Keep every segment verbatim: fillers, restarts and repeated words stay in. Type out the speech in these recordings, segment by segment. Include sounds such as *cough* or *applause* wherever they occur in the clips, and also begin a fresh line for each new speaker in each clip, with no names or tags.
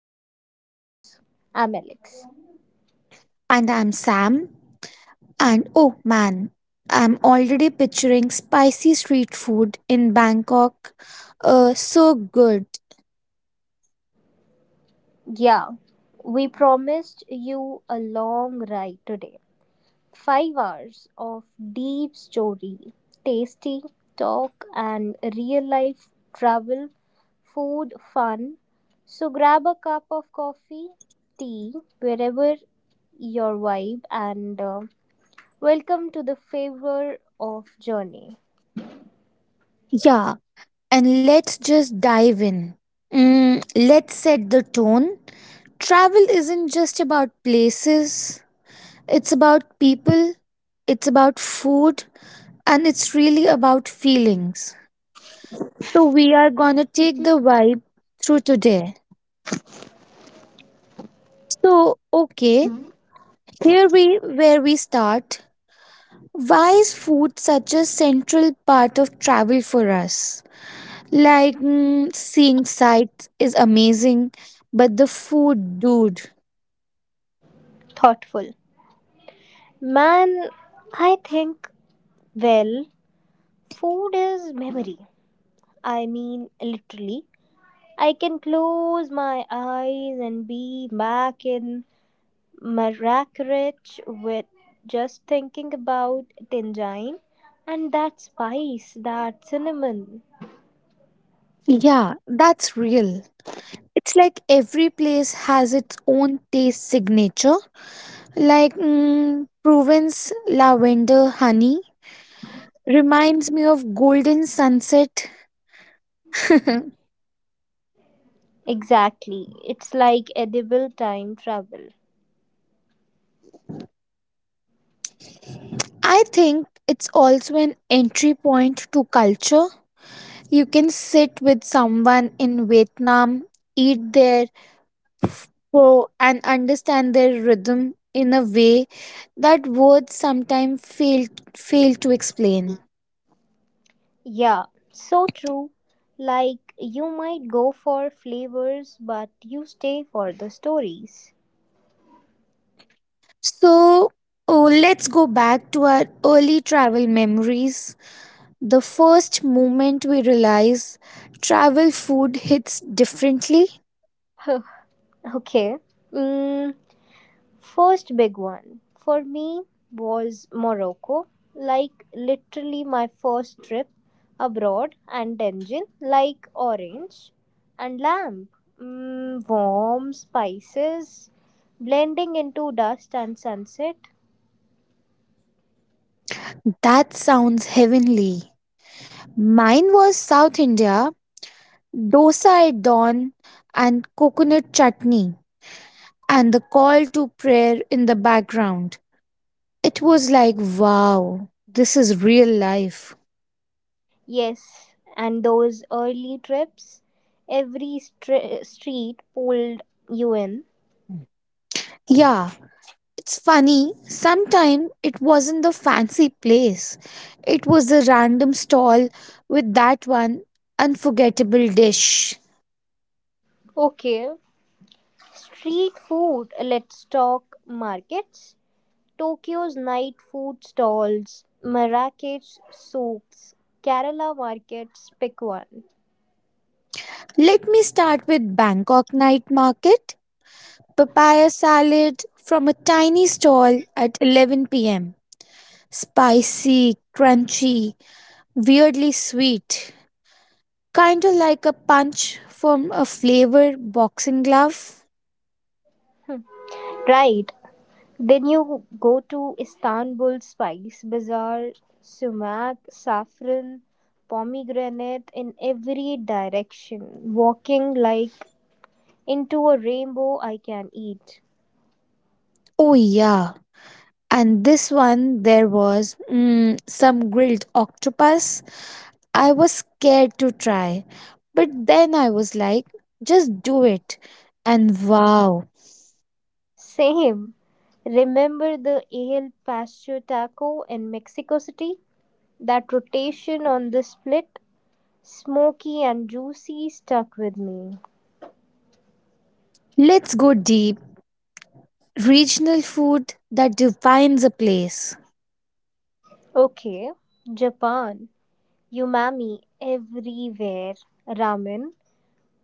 become meals, Amaleks:
And I'm Sam. And oh man, I'm already picturing spicy street food in Bangkok. Uh, so good.
"Yeah, we promised you a long ride today, five hours of deep story, tasty talk and real-life travel, food fun, so grab a cup of coffee, tea, wherever your vibe and... uh, welcome to the favor of journey.
Yeah, and let's just dive in. Mm, let's set the tone. Travel isn't just about places, it's about people, it's about food, and it's really about feelings. So we are gonna take the vibe through today. So, okay, here we where we start. Why is food such a central part of travel for us? Like, mm, seeing sights is amazing, but the food, dude.
Thoughtful. Man, I think, well, food is memory. I mean, literally. I can close my eyes and be back in Marrakech with just thinking about Tinjine and that spice, that cinnamon.
Yeah, that's real. It's like every place has its own taste signature. Like, mm, Provence lavender honey reminds me of golden sunset. *laughs*
Exactly. It's like edible time travel.
I think it's also an entry point to culture. You can sit with someone in Vietnam, eat their pho, and understand their rhythm in a way that words sometimes fail, fail to explain.
Yeah, so true. Like, you might go for flavors, but you stay for the stories.
So, oh, let's go back to our early travel memories. The first moment we realize travel food hits differently.
Okay. Mm, First big one for me was Morocco. Like, literally, my first trip abroad, and Tenjin, like orange and lamb. Mm, warm spices blending into dust and sunset.
That sounds heavenly. Mine was South India, dosa at dawn, and coconut chutney, and the call to prayer in the background. It was like, wow, this is real life.
Yes, and those early trips, every str- street pulled you in.
Yeah, it's funny. Sometime it wasn't the fancy place, it was the random stall with that one unforgettable dish.
Okay, street food. Let's talk markets. Tokyo's night food stalls, Marrakech souks, Kerala markets, pick one.
Let me start with Bangkok night market, papaya salad from a tiny stall at eleven p m. Spicy, crunchy, weirdly sweet. Kind of like a punch from a flavored boxing glove.
Right, then you go to Istanbul Spice Bazaar, sumac, saffron, pomegranate in every direction, walking like into a rainbow I can eat.
Oh, yeah. And this one, there was mm, some grilled octopus. I was scared to try. But then I was like, just do it. And wow,
Same. Remember the El pasture taco in Mexico City? That rotation on the split, smoky and juicy, stuck with me.
let's go deep. Regional food that defines a place.
Okay, Japan. Umami everywhere. Ramen,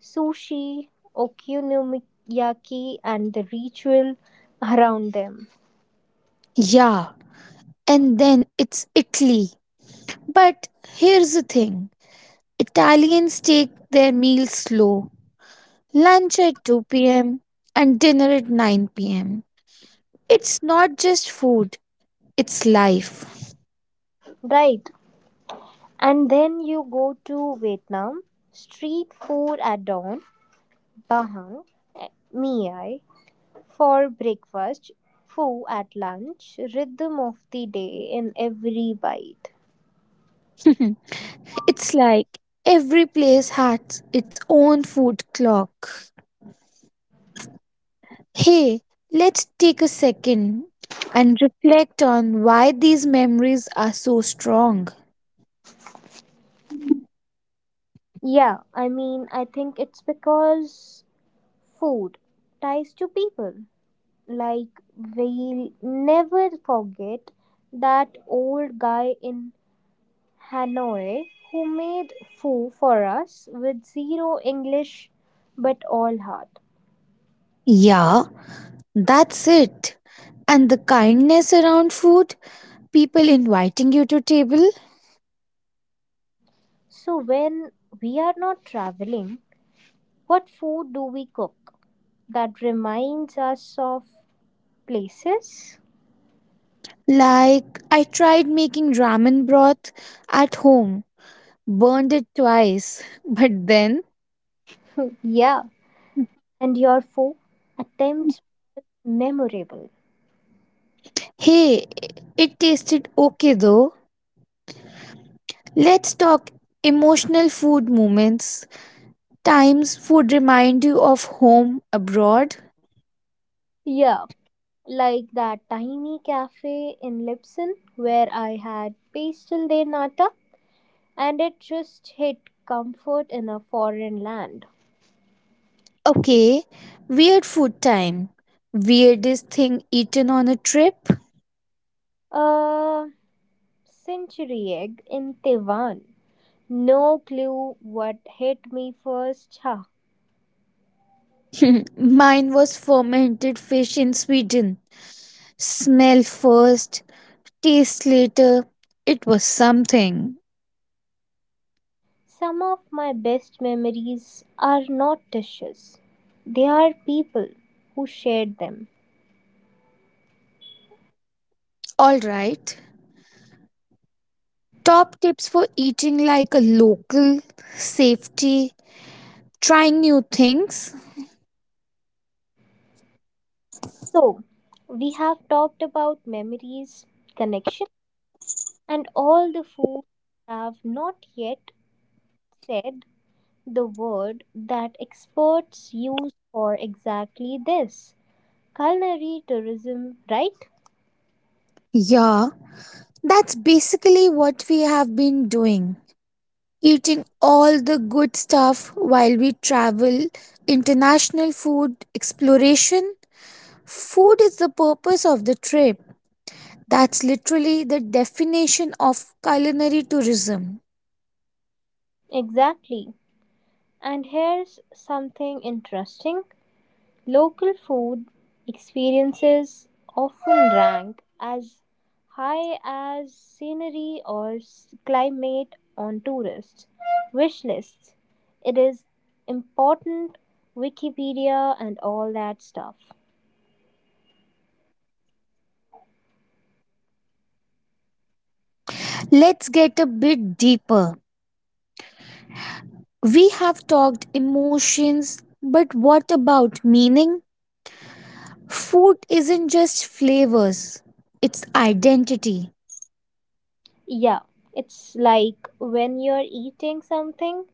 sushi, okonomiyaki, and the ritual around them.
Yeah, and then it's Italy. But here's the thing: Italians take their meals slow. Lunch at two p m, and dinner at nine p m. It's not just food, it's life.
Right. And then you go to Vietnam. Street food at dawn. Bahan, Miyai for breakfast, Foo at lunch, rhythm of the day in every bite.
*laughs* It's like every place has its own food clock. Hey, let's take a second and reflect on why these memories are so strong.
Yeah, I mean, I think it's because food ties to people. Like, we'll never forget that old guy in Hanoi who made foo for us with zero English but all heart.
Yeah, that's it. And the kindness around food, people inviting you to table.
So, when we are not traveling, what food do we cook that reminds us of places?
Like, I tried making ramen broth at home. Burned it twice, *laughs* but then,
Yeah. And your food attempts memorable.
hey, it tasted okay though. Let's talk emotional food moments. Times food remind you of home abroad.
Yeah. Like that tiny cafe in Lipson where I had pastel de nata and it just hit comfort in a foreign land.
Okay, weird food time. Weirdest thing eaten on a trip?
A century egg in Taiwan. No clue what hit me first. Huh.
*laughs* Mine was fermented fish in Sweden. Smell first, taste later. It was something.
Some of my best memories are not dishes, they are people who shared them.
Alright, top tips for eating like a local, safety, trying new things.
So, we have talked about memories, connection, and all the food have not yet said the word that experts use for exactly this culinary tourism, right?
Yeah, that's basically what we have been doing. Eating all the good stuff while we travel, international food, exploration. Food is the purpose of the trip. That's literally the definition of culinary tourism.
Exactly. And here's something interesting. Local food experiences often rank as high as scenery or s- climate on tourists' wish lists. It is important, Wikipedia, and all that stuff.
Let's get a bit deeper. We have talked emotions, but what about meaning? Food isn't just flavors, it's identity.
Yeah, it's like when you're eating something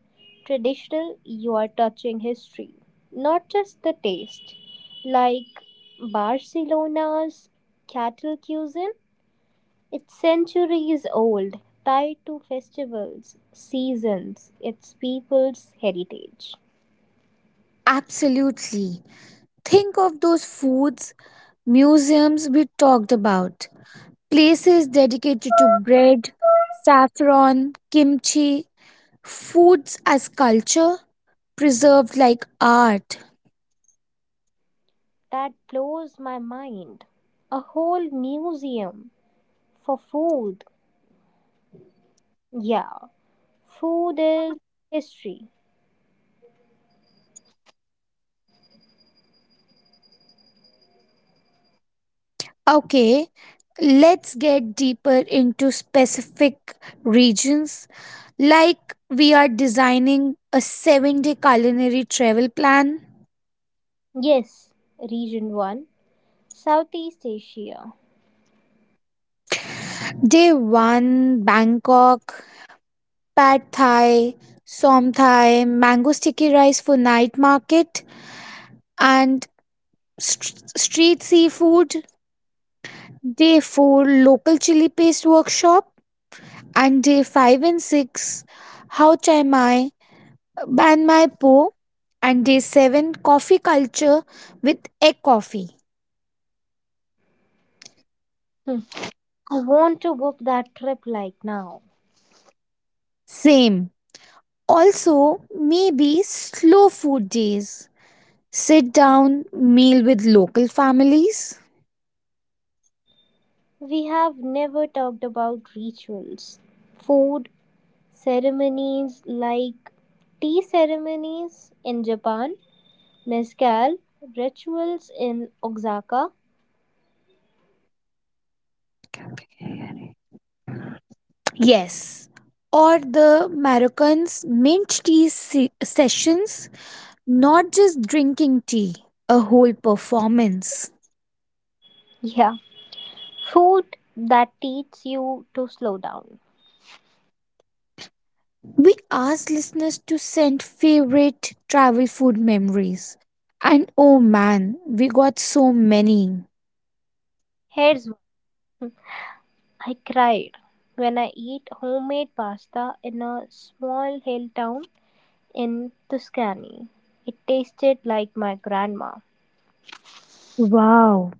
traditional, you are touching history, not just the taste. Like Barcelona's cattle cuisine. It's centuries old, tied to festivals, seasons, its people's heritage.
Absolutely. Think of those foods, museums we talked about, places dedicated to bread, saffron, kimchi, foods as culture, preserved like art.
That blows my mind. A whole museum for food. Yeah, food is history.
Okay, let's get deeper into specific regions. Like we are designing a seven day culinary travel plan.
Yes, Region one, Southeast Asia.
Day one, Bangkok, Pad Thai, Som Thai, mango sticky rice for night market, and st- street seafood. Day four, local chili paste workshop, and day 5 and 6, How Chai Mai, Ban Mai Po, and day seven, coffee culture with egg coffee.
Hmm, I want to book that trip like now.
Same. Also, maybe slow food days. Sit down meal with local families.
We have never talked about rituals, food, ceremonies like tea ceremonies in Japan, mezcal rituals in Oaxaca.
Yes. Or the Moroccans' mint tea se- sessions, not just drinking tea, a whole performance.
Yeah, food that teaches you to slow down.
We asked listeners to send favorite travel food memories. And oh man, we got so many.
Here's one. I cried when I eat homemade pasta in a small hill town in Tuscany. It tasted like my grandma.
Wow.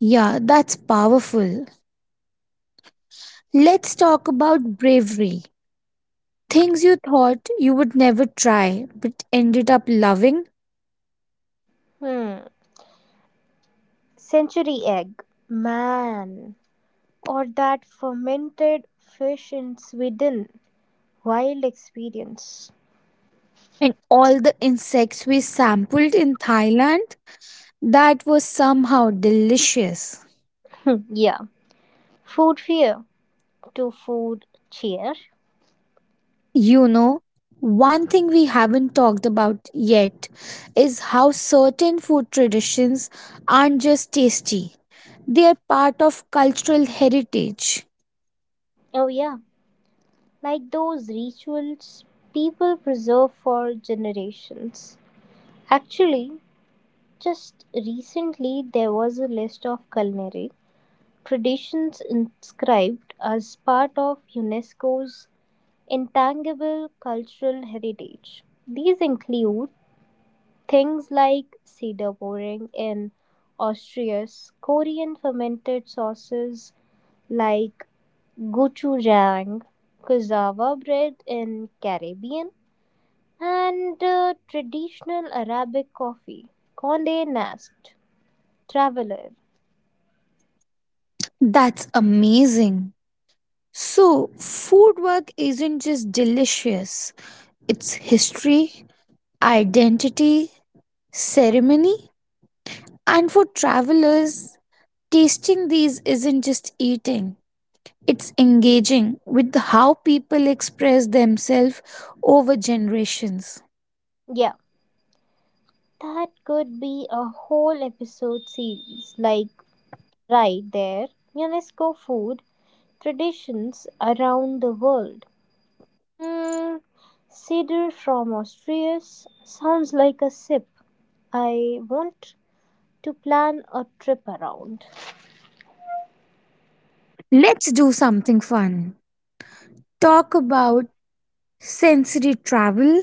Yeah, that's powerful. Let's talk about bravery. Things you thought you would never try but ended up loving.
Hmm. Century egg. Man. Or that fermented fish in Sweden. Wild experience.
And all the insects we sampled in Thailand, that was somehow delicious.
*laughs* Yeah. Food fear to food cheer.
You know, one thing we haven't talked about yet is how certain food traditions aren't just tasty, they are part of cultural heritage.
Oh, yeah. Like those rituals people preserve for generations. Actually, just recently there was a list of culinary traditions inscribed as part of UNESCO's intangible cultural heritage. These include things like cedar pouring in Austria's Korean fermented sauces like gochujang, cassava bread in Caribbean, and uh, traditional Arabic coffee, Condé Nast, Traveler.
That's amazing. So, food work isn't just delicious, it's history, identity, ceremony, and for travelers, tasting these isn't just eating, it's engaging with how people express themselves over generations.
Yeah, that could be a whole episode series, like right there, UNESCO food traditions around the world. Hmm, cedar from Austria sounds like a sip I want to plan a trip around.
Let's do something fun. Talk about sensory travel.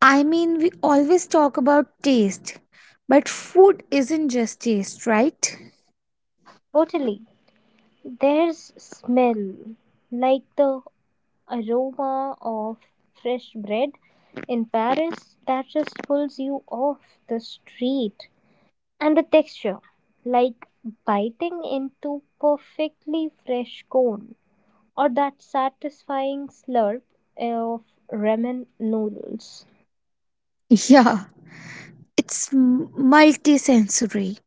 I mean, we always talk about taste, but food isn't just taste, right?
Totally. There's smell like the aroma of fresh bread in Paris that just pulls you off the street. And the texture, like biting into perfectly fresh corn or that satisfying slurp of ramen noodles.
Yeah, it's multi sensory.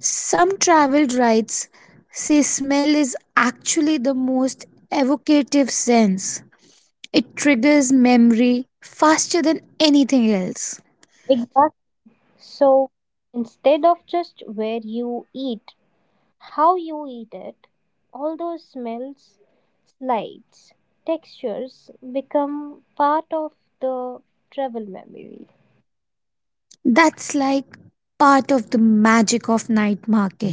Some travel guides say smell is actually the most evocative sense. It triggers memory faster than anything else.
Exactly. So instead of just where you eat, how you eat it, all those smells, slides, textures become part of the travel memory.
That's like part of the magic of night market.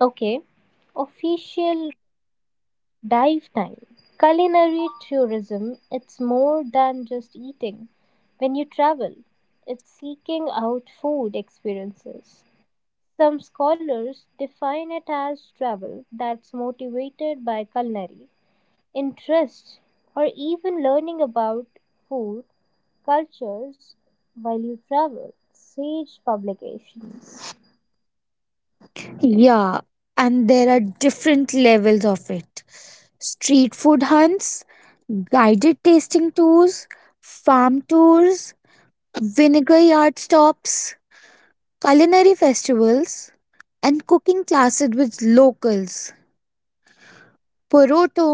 Okay, official dive time. Culinary tourism, it's more than just eating. When you travel, it's seeking out food experiences. Some scholars define it as travel that's motivated by culinary interest or even learning about food cultures while you travel. Sage publications.
Yeah, and there are different levels of it: street food hunts, guided tasting tours, farm tours, vinegar yard stops, culinary festivals, and cooking classes with locals. Poroto,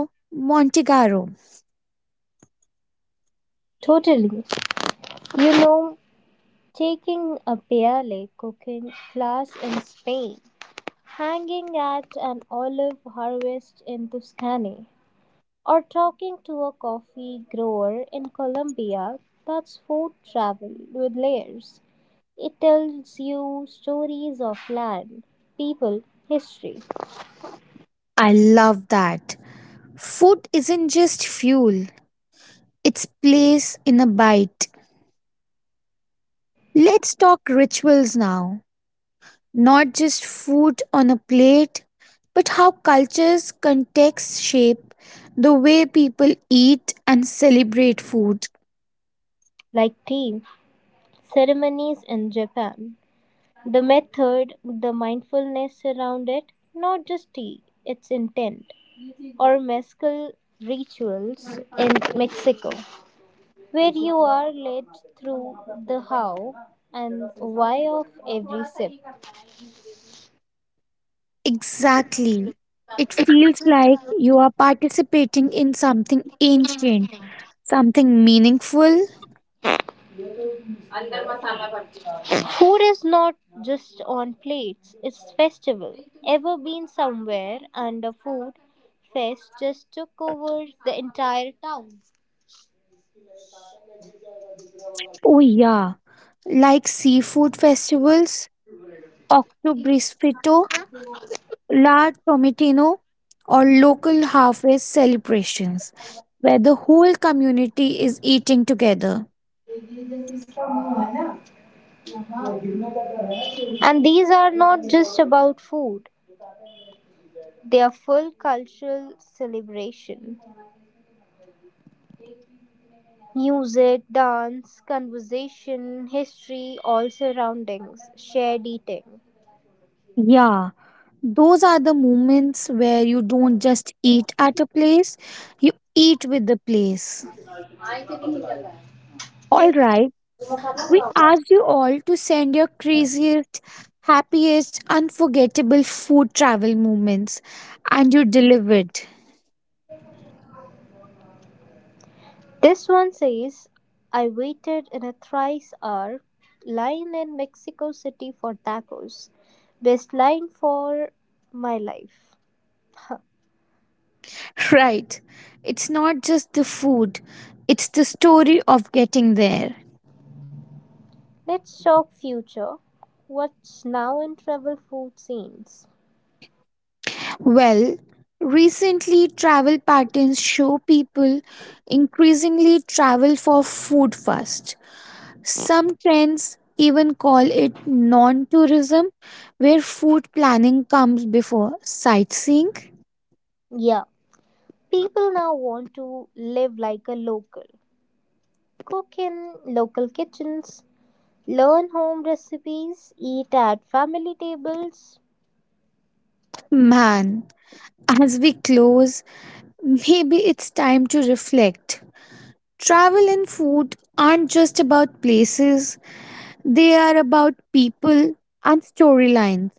Monte Carlo.
Totally. You know, taking a P L A cooking class in Spain, hanging at an olive harvest in Tuscany, or talking to a coffee grower in Colombia. That's food travel with layers. It tells you stories of land, people, history,
I love that. Food isn't just fuel, it's place in a bite. Let's talk rituals now. Not just food on a plate, but how cultures' contexts shape the way people eat and celebrate food.
like tea, ceremonies in Japan. The method, the mindfulness around it, not just tea, its intent, or mezcal rituals in Mexico, where you are led through the how and why of every sip.
Exactly. It feels like you are participating in something ancient, something meaningful.
Food is not just on plates, it's festival. Ever been somewhere and a food fest just took over the entire town?
Oh, yeah. Like seafood festivals, Oktoberfest, La Tomatino, or local harvest celebrations, where the whole community is eating together.
And these are not just about food, they are full cultural celebration. Music, dance, conversation, history, all surroundings, shared eating.
Yeah, those are the moments where you don't just eat at a place, you eat with the place. All right, we asked you all to send your craziest, happiest, unforgettable food travel moments, and you delivered.
This one says, I waited in a thrice hour line in Mexico City for tacos. Best line for my life. Huh.
*laughs* Right, it's not just the food, it's the story of getting there.
Let's talk future. What's now in travel food scenes?
Well, recently travel patterns show people increasingly travel for food first. Some trends even call it non tourism, where food planning comes before sightseeing.
Yeah, people now want to live like a local. Cook in local kitchens, learn home recipes, eat at family tables.
Man, as we close, maybe it's time to reflect. Travel and food aren't just about places, they are about people and storylines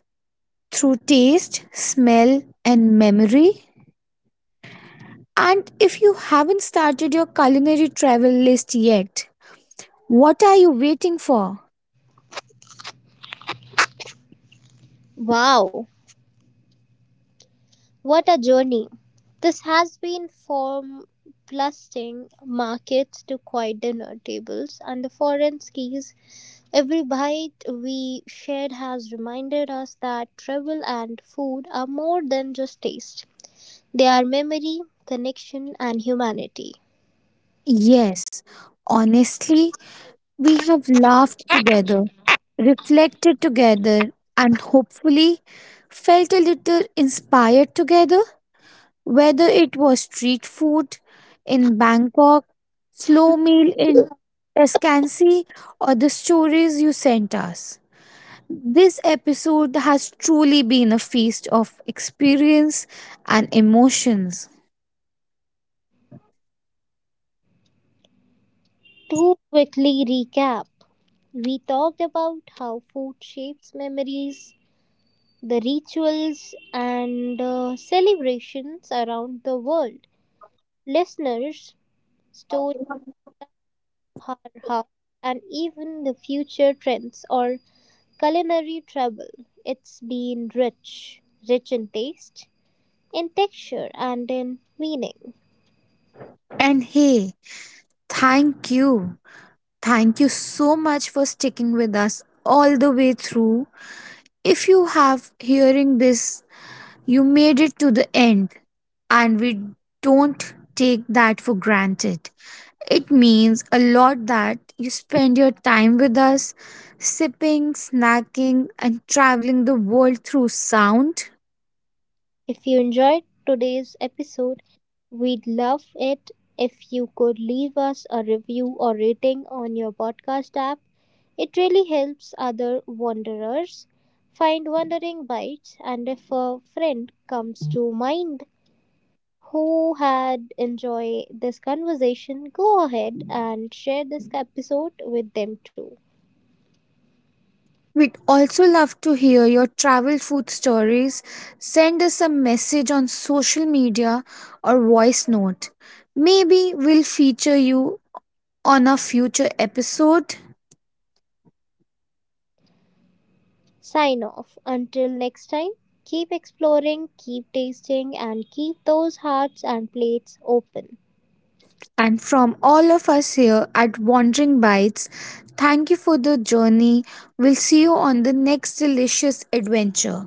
through taste, smell, and memory. And if you haven't started your culinary travel list yet, what are you waiting for?
Wow, what a journey! This has been from bustling markets to quiet dinner tables and the foreign skis. Every bite we shared has reminded us that travel and food are more than just taste. They are memory, connection, and humanity.
Yes, honestly, we have laughed together, reflected together, and hopefully felt a little inspired together. Whether it was street food in Bangkok, slow meal in Tuscany, or the stories you sent us. This episode has truly been a feast of experience and emotions.
To quickly recap, we talked about how food shapes memories, the rituals, and uh, celebrations around the world. Listeners, stone, harha, and even the future trends or culinary trouble. It's been rich, rich in taste, in texture, and in meaning.
And hey, thank you. Thank you so much for sticking with us all the way through. If you have hearing this, you made it to the end and we don't take that for granted. It means a lot that you spend your time with us sipping, snacking and traveling the world through sound.
If you enjoyed today's episode, we'd love it if you could leave us a review or rating on your podcast app. It really helps other wanderers find wandering bites, and if a friend comes to mind who had enjoyed this conversation, go ahead and share this episode with them too.
We'd also love to hear your travel food stories. Send us a message on social media or voice note. Maybe we'll feature you on a future episode.
Sign off. Until next time, keep exploring, keep tasting, and keep those hearts and plates open.
And from all of us here at Wandering Bites, thank you for the journey. We'll see you on the next delicious adventure.